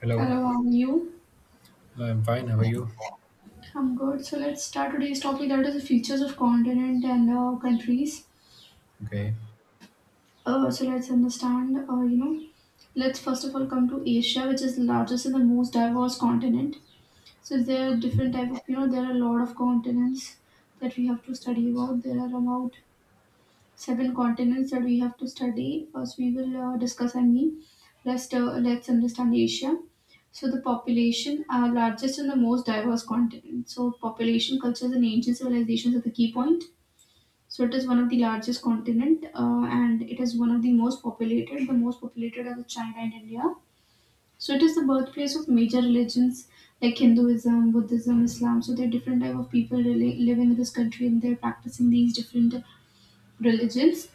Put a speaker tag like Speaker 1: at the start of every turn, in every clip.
Speaker 1: Hello,
Speaker 2: Hello, how are you?
Speaker 1: I'm fine. How are you?
Speaker 2: I'm good. So let's start today's topic that is the features of continent and countries.
Speaker 1: Okay.
Speaker 2: So let's understand, let's first of all come to Asia, which is the largest and the most diverse continent. So there are different type of, there are a lot of continents that we have to study about. There are about seven continents that we have to study. First, we will discuss, I mean, let's understand Asia. So, the population are largest and the most diverse continent. So, population, cultures, and ancient civilizations are the key point. So, it is one of the largest continent and it is one of the most populated. The most populated are the China and India. So, it is the birthplace of major religions like Hinduism, Buddhism, Islam. So, there are different type of people really living in this country and they're practicing these different religions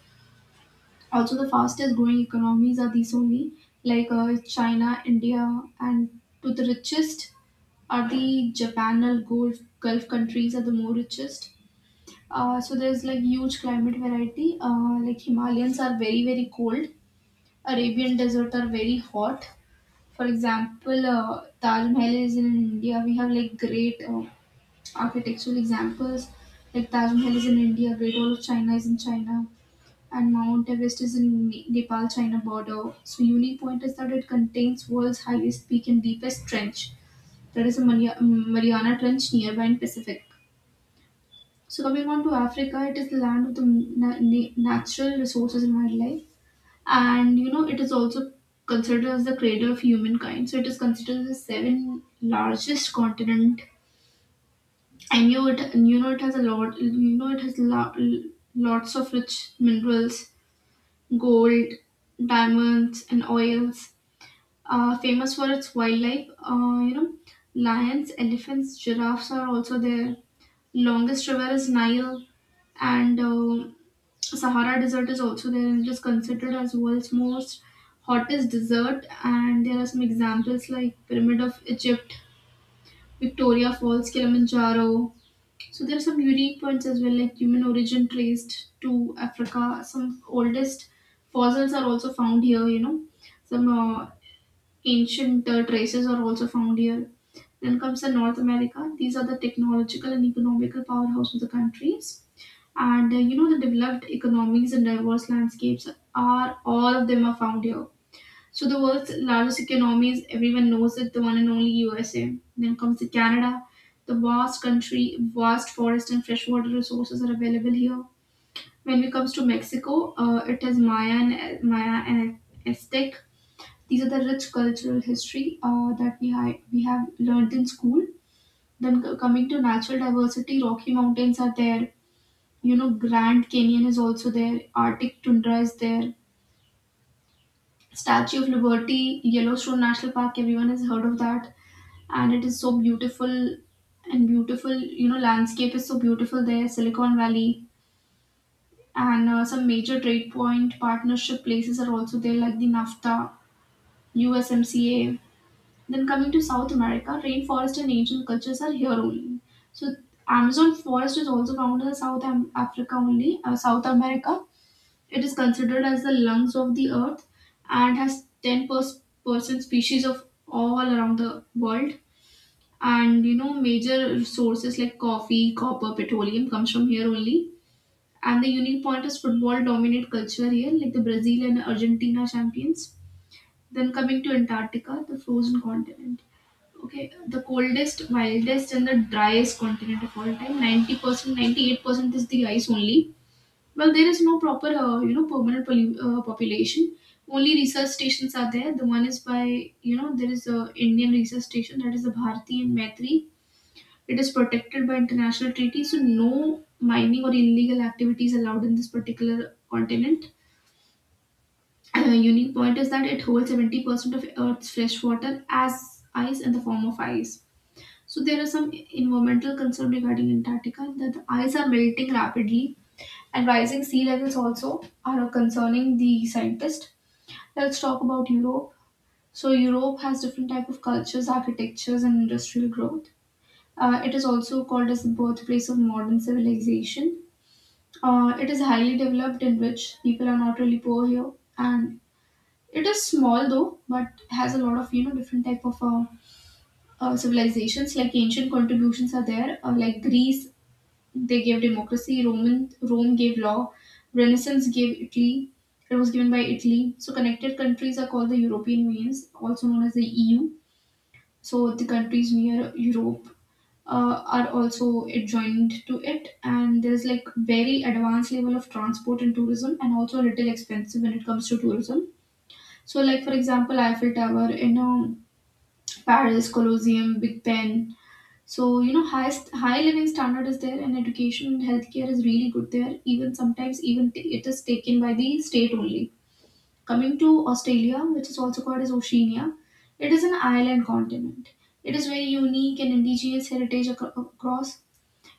Speaker 2: also. The fastest growing economies are these only, like China, India, and to the richest are the Japan and Gulf countries are the more richest. So there's like huge climate variety. Like Himalayans are very very cold. Arabian desert are very hot. For example, Taj Mahal is in India. We have like great architectural examples. Like Taj Mahal is in India. Great Wall of China is in China and Mount Everest is in Nepal China border. So, unique point is that it contains world's highest peak and deepest trench. There is a Mariana Trench nearby in Pacific. So, coming on to Africa, it is the land of the natural resources and wildlife, and it is also considered as the cradle of humankind. So, it is considered the seven largest continent. And you, it, you know it has a lot. It has lots of rich minerals, gold, diamonds, and oils. Famous for its wildlife, lions, elephants, giraffes are also there. Longest river is Nile, and Sahara Desert is also there, and it is considered as world's most hottest desert. And there are some examples like Pyramid of Egypt, Victoria Falls, Kilimanjaro, so there are some unique points as well, like human origin traced to Africa. Some oldest fossils are also found here. Some ancient traces are also found here. Then comes the North America. These are the technological and economical powerhouse of the countries, and the developed economies and diverse landscapes are all of them are found here. So the world's largest economies, everyone knows it, the one and only USA. Then comes the Canada. The vast country, vast forest and freshwater resources are available here. When it comes to Mexico, it is Maya and Aztec. These are the rich cultural history that we have learned in school. Then coming to natural diversity, Rocky Mountains are there. Grand Canyon is also there. Arctic tundra is there. Statue of Liberty, Yellowstone National Park, everyone has heard of that. And it is so beautiful and beautiful, landscape is so beautiful there. Silicon Valley, and some major trade point partnership places are also there, like the NAFTA, USMCA. Then coming to South America, rainforest and ancient cultures are here only. So Amazon forest is also found in Africa only, South America. It is considered as the lungs of the earth and has 10% species of all around the world. And major sources like coffee, copper, petroleum comes from here only. And the unique point is football dominate culture here, like the Brazil and Argentina champions. Then coming to Antarctica, the frozen continent. Okay, the coldest, wildest, and the driest continent of all time. 90% 98% is the ice only. Well, there is no proper permanent population. Only research stations are there. The one is by, there is a Indian research station, that is the Bharati and Maitri. It is protected by international treaties, so no mining or illegal activities allowed in this particular continent. And a unique point is that it holds 70% of Earth's fresh water as ice, in the form of ice. So there are some environmental concerns regarding Antarctica that the ice are melting rapidly and rising sea levels also are concerning the scientists. Let's talk about Europe. So Europe has different type of cultures, architectures, and industrial growth. It is also called as the birthplace of modern civilization. It is highly developed, in which people are not really poor here, and it is small though, but has a lot of different type of civilizations. Like ancient contributions are there. Like Greece, they gave democracy. Roman Rome gave law. Renaissance gave Italy. It was given by Italy. So connected countries are called the European Unions, also known as the EU. So the countries near Europe are also adjoined to it, and there's like very advanced level of transport and tourism, and also a little expensive when it comes to tourism. So, like for example, Eiffel Tower in Paris, Colosseum, Big Ben. So high living standard is there, and education and healthcare is really good there, even sometimes even it is taken by the state only. Coming to Australia, which is also called as Oceania. It is an island continent. It is very unique and indigenous heritage across.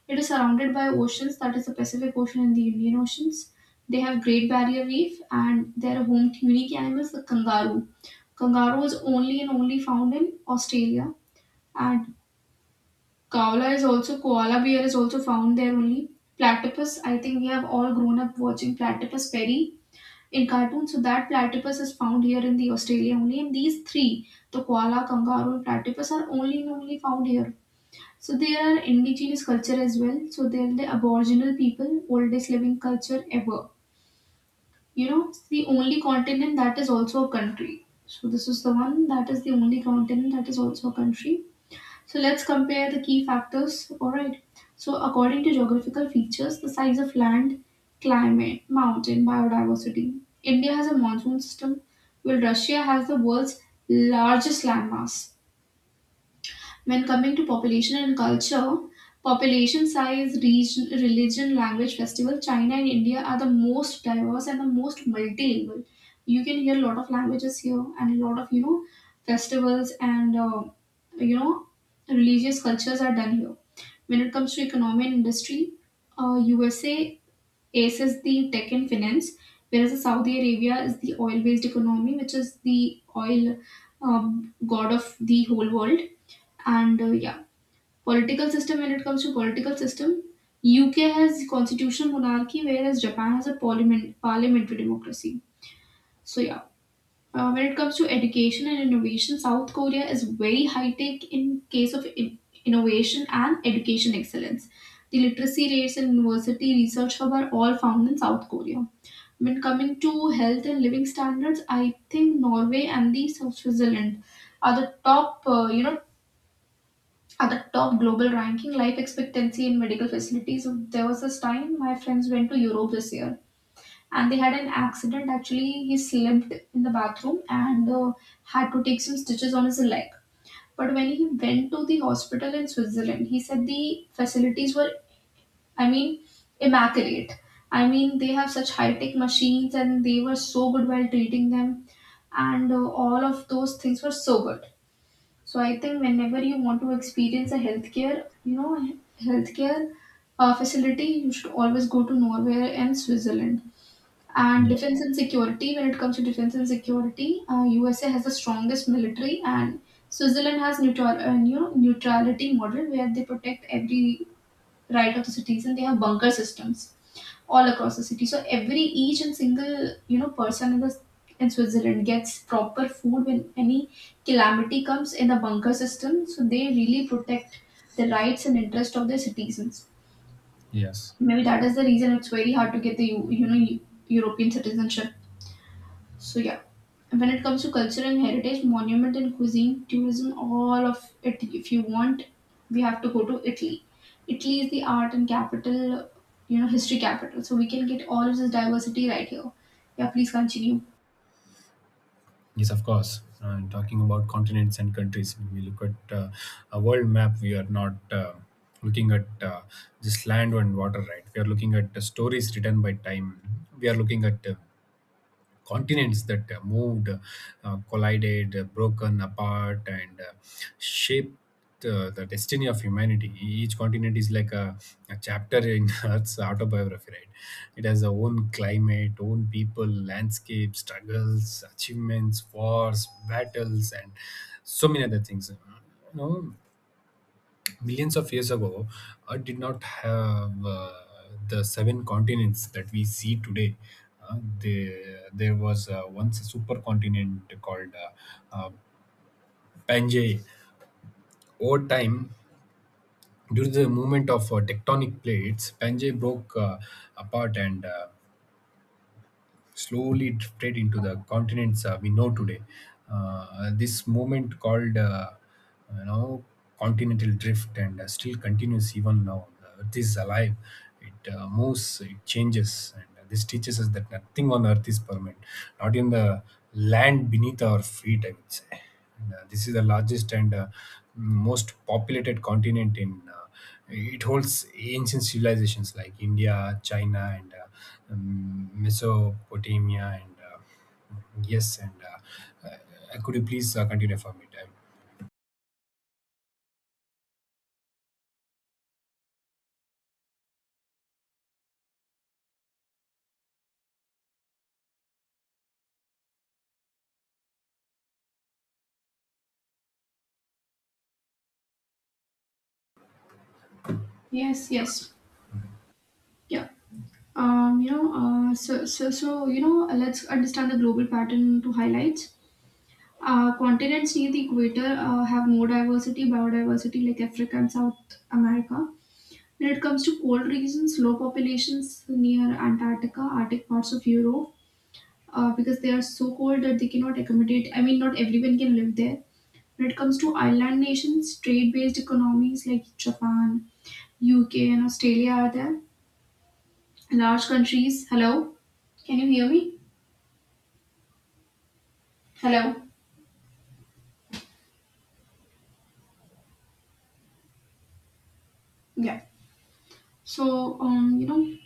Speaker 2: It is surrounded by oceans, that is the Pacific Ocean and the Indian Oceans. They have Great Barrier Reef, and they are home to unique animals, the kangaroo. Kangaroo is only and only found in Australia, and koala bear is also found there only. Platypus, I think we have all grown up watching Platypus Perry in cartoons, so that platypus is found here in the Australia only. And these three, the koala, kangaroo, and platypus, are only and only found here. So there are indigenous culture as well. So they're the aboriginal people, oldest living culture ever. It's the only continent that is also a country. So this is the one that is the only continent that is also a country. So let's compare the key factors. All right. So according to geographical features, the size of land, climate, mountain, biodiversity. India has a monsoon system, while Russia has the world's largest landmass. When coming to population and culture, population size, region, religion, language, festival, China and India are the most diverse and the most multilingual. You can hear a lot of languages here and a lot of festivals and you know religious cultures are done here. When it comes to economy and industry, USA aces the tech and finance, whereas the Saudi Arabia is the oil-based economy, which is the oil god of the whole world. And yeah. Political system, when it comes to political system, UK has constitutional monarchy, whereas Japan has a parliamentary democracy. So yeah. When it comes to education and innovation, South Korea is very high tech in case of innovation and education excellence. The literacy rates and university research hub are all found in South Korea. When coming to health and living standards, I think Norway and the Switzerland are the top, at the top global ranking life expectancy in medical facilities. There was this time my friends went to Europe this year, and they had an accident. Actually, he slipped in the bathroom, and had to take some stitches on his leg. But when he went to the hospital in Switzerland, he said the facilities were, I mean, immaculate. I mean, they have such high tech machines, and they were so good while treating them, and all of those things were so good. So I think whenever you want to experience a you know, healthcare facility, you should always go to Norway and Switzerland. And
Speaker 1: Yeah.
Speaker 2: defense and security, when it comes to defense and security, USA has the strongest military. And Switzerland has neutral, neutrality model, where they protect every right of the citizen. They have bunker systems all across the city. So every each and single person in the in Switzerland gets proper food when any calamity comes in the bunker system. So they really protect the rights and interest of their citizens.
Speaker 1: Yes.
Speaker 2: Maybe that is the reason it's very hard to get the European citizenship, so yeah. And when it comes to culture and heritage, monument and cuisine, tourism, all of it. If you want, we have to go to Italy. Italy is the art and capital, history capital. So we can get all of this diversity right here. Yeah, please continue.
Speaker 1: Yes, of course. Talking about continents and countries, when we look at a world map, we are not looking at just land and water, right? We are looking at the stories written by time. We are looking at continents that moved, collided, broken apart, and shaped the destiny of humanity. Each continent is like a chapter in Earth's autobiography, right? It has its own climate, own people, landscape, struggles, achievements, wars, battles, and so many other things. Know, Millions of years ago, Earth did not have the seven continents that we see today. There was once a supercontinent called uh, uh, Pangaea. Over time, during the movement of tectonic plates, Pangaea broke apart and slowly drifted into the continents we know today. This movement called, you know, continental drift and still continues even now. The Earth is alive. It moves. It changes. And this teaches us that nothing on Earth is permanent. Not even the land beneath our feet, I would say. This is the largest and most populated continent in. It holds ancient civilizations like India, China, and Mesopotamia. And yes, and Could you please continue for me, time?
Speaker 2: Yes, yes, yeah. So let's understand the global pattern to highlight. Continents near the equator have more diversity, biodiversity, like Africa and South America. When it comes to cold regions, low populations near Antarctica, Arctic parts of Europe, because they are so cold that they cannot accommodate. I mean, not everyone can live there. When it comes to island nations, trade-based economies like Japan, UK, and Australia are there. Large countries. Hello, can you hear me? Hello. Yeah. So,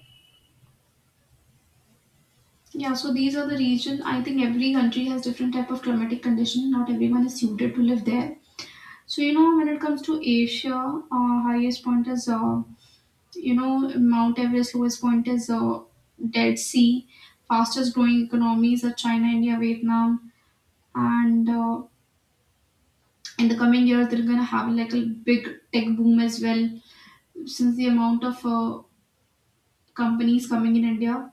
Speaker 2: yeah. So these are the region. I think every country has different type of climatic condition. Not everyone is suited to live there. So when it comes to Asia, highest point is Mount Everest. Lowest point is Dead Sea. Fastest growing economies are China, India, Vietnam, and in the coming years, they're gonna have like a big tech boom as well, since the amount of companies coming in India.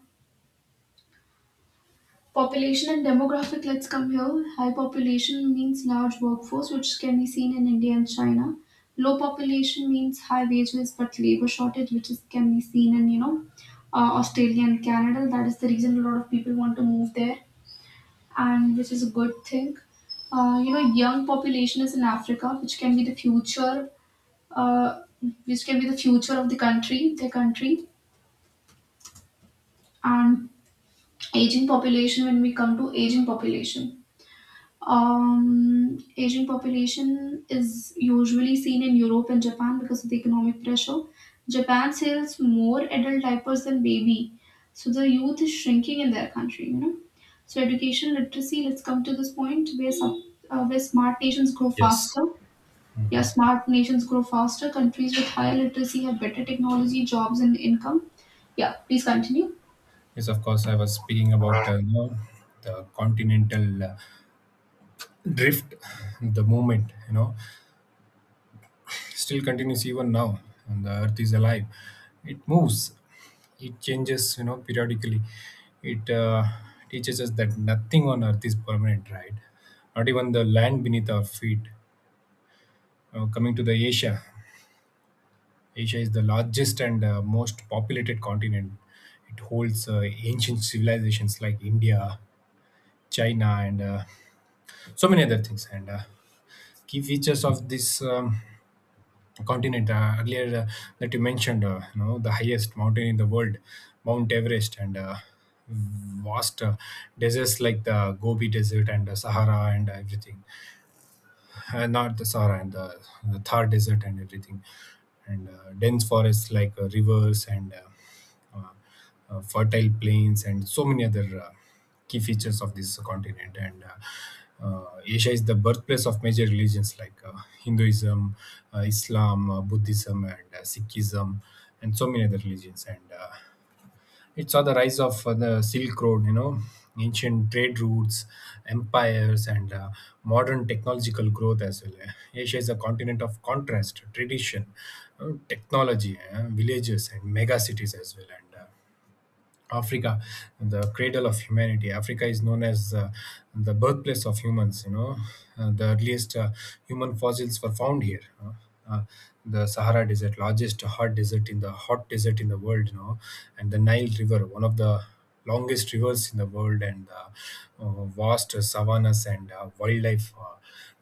Speaker 2: Population and demographic, let's come here. High population means large workforce, which can be seen in India and China. Low population means high wages but labor shortage, which is can be seen in Australia and Canada. That is the reason a lot of people want to move there, and which is a good thing. Young population is in Africa, which can be the future, uh, which can be the future of the country, their country, and aging population. When we come to aging population. Asian population is usually seen in Europe and Japan because of the economic pressure. Japan sells more adult diapers than baby, so the youth is shrinking in their country. So education literacy. Let's come to this point where smart nations grow
Speaker 1: Yes.
Speaker 2: faster. Yeah, smart nations grow faster. Countries with higher literacy have better technology, jobs, and income. Yeah, please continue.
Speaker 1: Yes, of course. I was speaking about the continental drift, the movement. You know, still continues even now and the earth is alive. It moves. It changes, you know, periodically. It teaches us that nothing on earth is permanent, right? Not even the land beneath our feet. Coming to the asia, is the largest and most populated continent. It holds ancient civilizations like india, china, and so many other things. And key features of this continent earlier that you mentioned, the highest mountain in the world, mount everest, and vast deserts like the gobi desert and the sahara and everything. Not the Sahara and the Thar Desert and everything, and dense forests like rivers and fertile plains and so many other key features of this continent. And Asia is the birthplace of major religions like Hinduism, Islam, Buddhism, and Sikhism, and so many other religions. And it saw the rise of the silk road, you know, ancient trade routes, empires, and modern technological growth as well. Asia is a continent of contrast, tradition, technology, villages and mega cities as well. And Africa, the cradle of humanity. Africa is known as the birthplace of humans, you know. The earliest human fossils were found here, you know. Uh, the Sahara Desert, largest hot desert in the world, you know, and the Nile River, one of the longest rivers in the world, and vast savannas and wildlife Uh,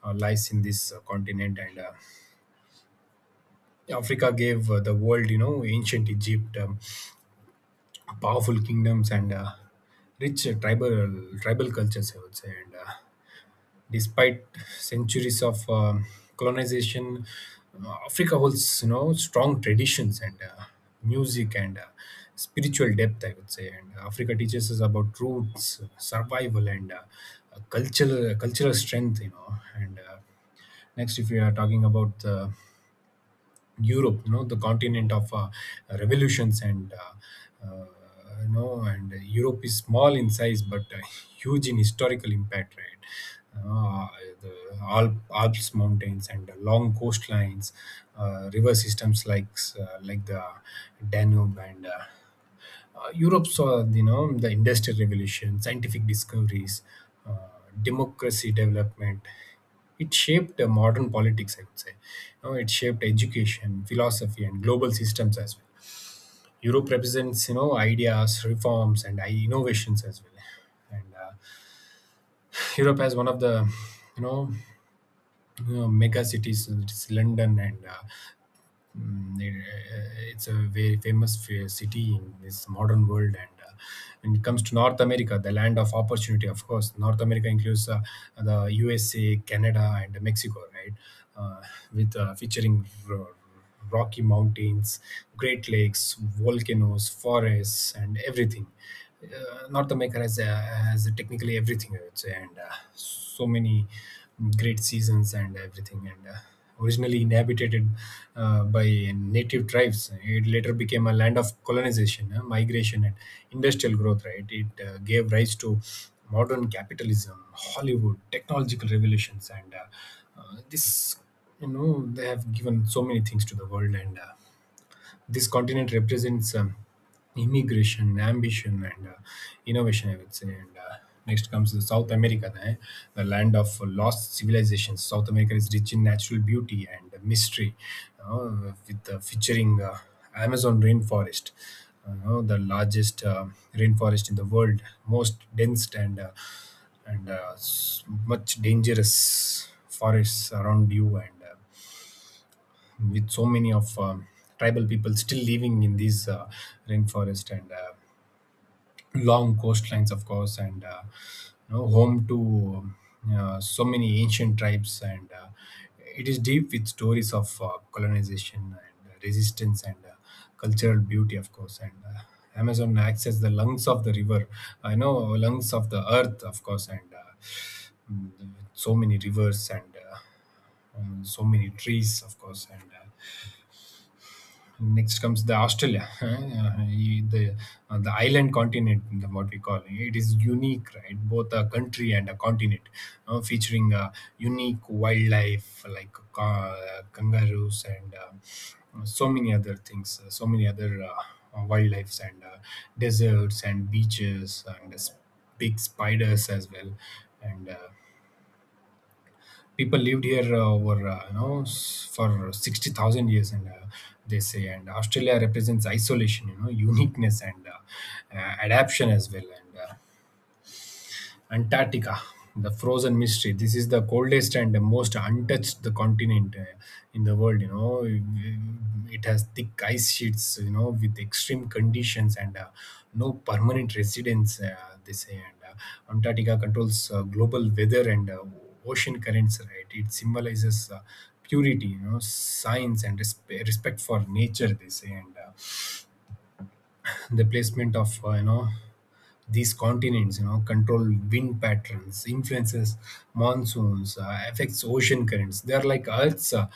Speaker 1: uh, lies in this continent. And africa gave the world, you know, ancient egypt, powerful kingdoms, and rich tribal cultures, I would say. And despite centuries of colonization, Africa holds, you know, strong traditions and music and spiritual depth, I would say. And Africa teaches us about roots, survival, and cultural strength, you know. And Next, if we are talking about the Europe, you know, the continent of revolutions and Europe is small in size but huge in historical impact, right? Uh, the Alps mountains and the long coastlines, river systems like like the Danube, and Europe saw, you know, the industrial revolution, scientific discoveries, uh, democracy development. It shaped the modern politics, I would say. You know, it shaped education, philosophy, and global systems as well. Europe represents, you know, ideas, reforms, and innovations as well. And Europe has one of the, you know, mega cities. It's London. It's a very famous city in this modern world. And when it comes to North America, the land of opportunity, of course, North America includes the USA, Canada, and Mexico, right? Uh, with featuring rocky mountains, Great Lakes, volcanoes, forests, and everything. North America has technically everything, I would say, and so many great seasons and everything. And originally inhabited by native tribes, it later became a land of colonization, migration, and industrial growth, right? It gave rise to modern capitalism, hollywood, technological revolutions, and this, you know, they have given so many things to the world. And this continent represents immigration, ambition, and innovation, I would say. And next comes the South America, eh, the land of lost civilizations. South America is rich in natural beauty and mystery, with featuring Amazon rainforest. You know, the largest rainforest in the world, most dense, and much dangerous forests around you, and with so many of tribal people still living in these rainforest, and long coastlines, of course, and you know, home to um, so many ancient tribes. And it is deep with stories of colonization and resistance and cultural beauty, of course. And amazon access the lungs of the river, I know lungs of the earth, of course. So many rivers and so many trees, of course. And Next comes the Australia, the island continent, the- what we call it. It is unique, right? Both a country and a continent, featuring unique wildlife like kangaroos and so many other things, so many other wildlifes, and deserts and beaches and big spiders as well, and. People lived here over for 60,000 years, and they say. And Australia represents isolation, you know, uniqueness, and adaptation as well. And Antarctica, the frozen mystery. This is the coldest and the most untouched the continent in the world, you know. It has thick ice sheets, you know, with extreme conditions and no permanent residents, they say. And Antarctica controls global weather and ocean currents. Right, it symbolizes purity, you know, science, and respect for nature, they say. And. The placement of you know these continents, you know, control wind patterns, influences monsoons, affects ocean currents. They are like earth's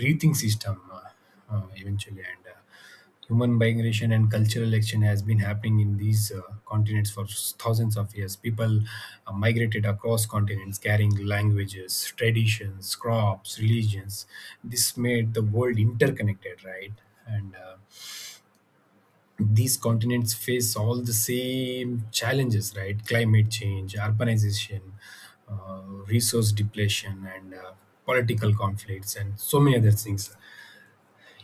Speaker 1: breathing system eventually. And human migration and cultural action has been happening in these continents for thousands of years. People migrated across continents, carrying languages, traditions, crops, religions. This made the world interconnected, right? And these continents face all the same challenges, right? Climate change, urbanization, uh, resource depletion, and political conflicts, and so many other things.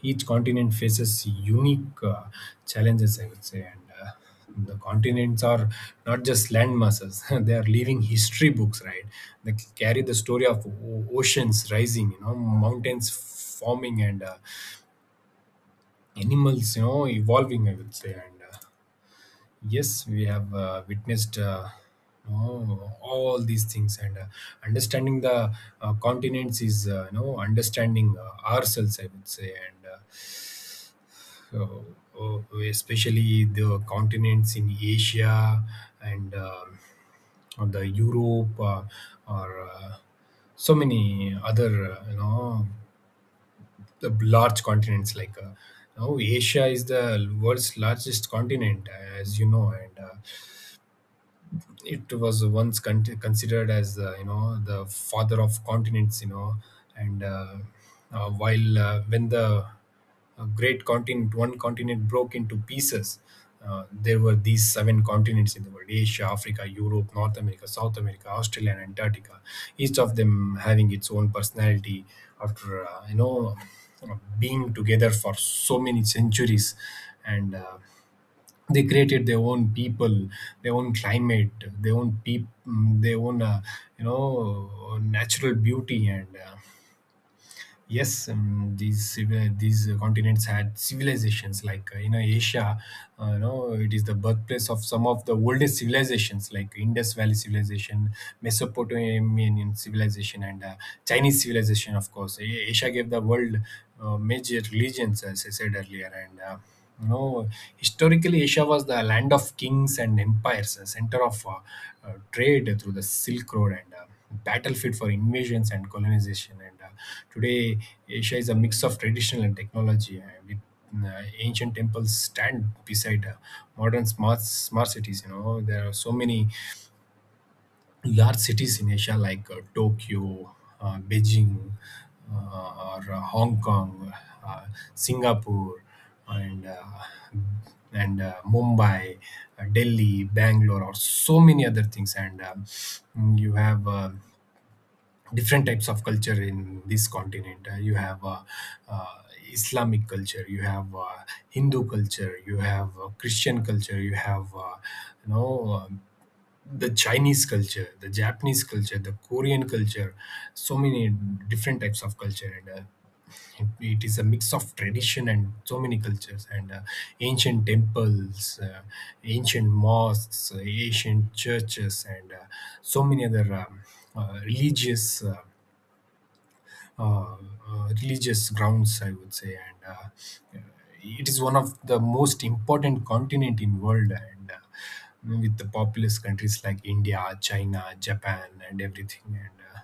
Speaker 1: Each continent faces unique challenges, I would say. And the continents are not just landmasses; they are living history books, right? They carry the story of oceans rising, you know, mountains forming, and animals, you know, evolving, I would say. And yes, we have witnessed oh, all these things. And understanding the continents is you know understanding ourselves, I would say. And So, oh, especially the continents in asia and or the europe, or so many other you know the large continents like you know, asia is the world's largest continent, as you know. And it was once con- considered as you know the father of continents you know and while when the great continent one continent broke into pieces, there were these seven continents in the world: asia, africa, europe, north america, south america, australia, and antarctica, each of them having its own personality. After you know being together for so many centuries, and they created their own people, their own climate, their own their own you know natural beauty. And Yes, these continents had civilizations. Like in Asia, you know, it is the birthplace of some of the oldest civilizations, like Indus Valley civilization, Mesopotamian civilization, and Chinese civilization. Of course, Asia gave the world major religions, as I said earlier. And. You know, historically, Asia was the land of kings and empires, a center of trade through the Silk Road, and battlefield for invasions and colonization. And Today, Asia is a mix of traditional and technology, with ancient temples stand beside modern smart cities. You know, there are so many large cities in Asia like Tokyo, Beijing, or Hong Kong, uh, Singapore, and uh, and Mumbai, Delhi, Bangalore, or so many other things. And you have different types of culture in this continent. You have uh, Islamic culture, you have Hindu culture, you have Christian culture, you have you know um the Chinese culture, the Japanese culture, the Korean culture. So many different types of culture, and it, it is a mix of tradition and so many cultures and ancient temples, ancient mosques, ancient churches, and so many other religious. Uh, Religious grounds, I would say, and it is one of the most important continent in world, and with the populous countries like India, China, Japan, and everything. and. Uh,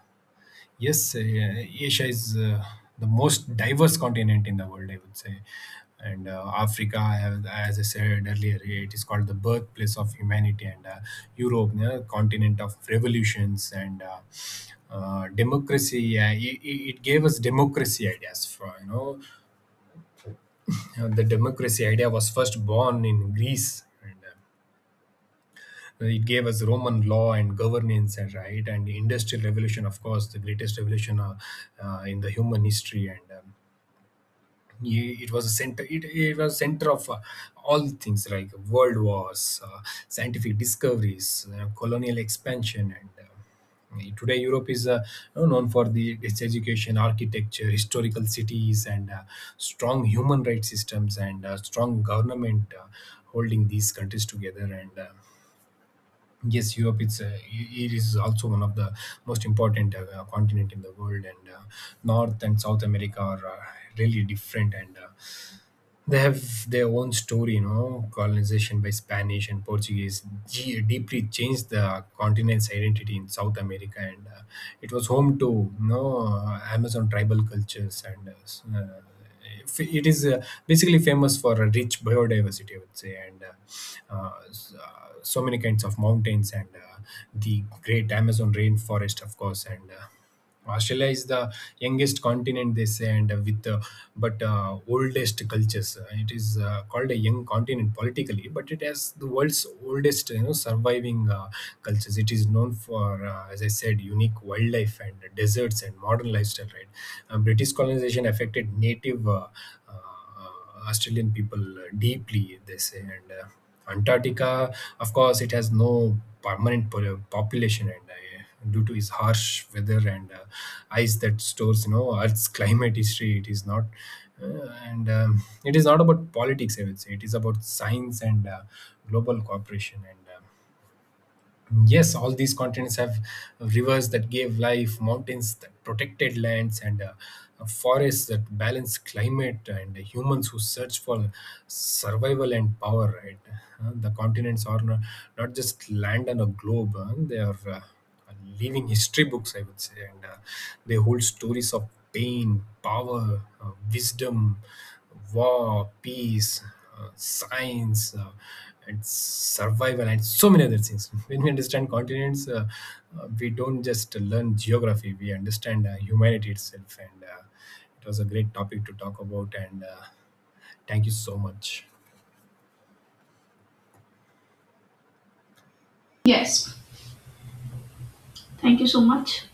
Speaker 1: Yes, uh, Asia is the most diverse continent in the world, I would say. And Africa, I have, as I said earlier, it is called the birthplace of humanity, and Europe, the continent of revolutions and democracy. Yeah, it gave us democracy ideas. The democracy idea was first born in Greece, and well, it gave us roman law and governance and right and the industrial revolution, of course the greatest revolution in the human history. It was a center, it was center of all things like world wars, scientific discoveries, colonial expansion. And Today, Europe is known for its education, architecture, historical cities, and strong human rights systems and strong government holding these countries together. And Yes, Europe, it is also one of the most important continent in the world, and North and South America are really different, and they have their own story, you know. Colonization by Spanish and Portuguese deeply changed the continent's identity in South America, and it was home to, you know, Amazon tribal cultures, and it is basically famous for a rich biodiversity, I would say, and so many kinds of mountains and the great Amazon rainforest, of course. And. Australia is the youngest continent, they say, and with but oldest cultures. It is called a young continent politically, but it has the world's oldest, you know, surviving cultures. It is known for, as I said, unique wildlife and deserts and modern lifestyle. Right, British colonization affected native. Australian people, deeply, they say. And Antarctica, of course, it has no permanent population, and due to its harsh weather and ice that stores, you know, Earth's climate history, it is not. And It is not about politics, I would say. It is about science and global cooperation. And yes, all these continents have rivers that gave life, mountains that protected lands, and forests that balance climate, and humans who search for survival and power, right? The continents are not just land on a globe, they are living history books, I would say, and they hold stories of pain, power, wisdom, war, peace, science, and survival, and so many other things. When we understand continents, we don't just learn geography; we understand humanity itself. And It was a great topic to talk about. And Thank you so much.
Speaker 2: Yes, thank you so much.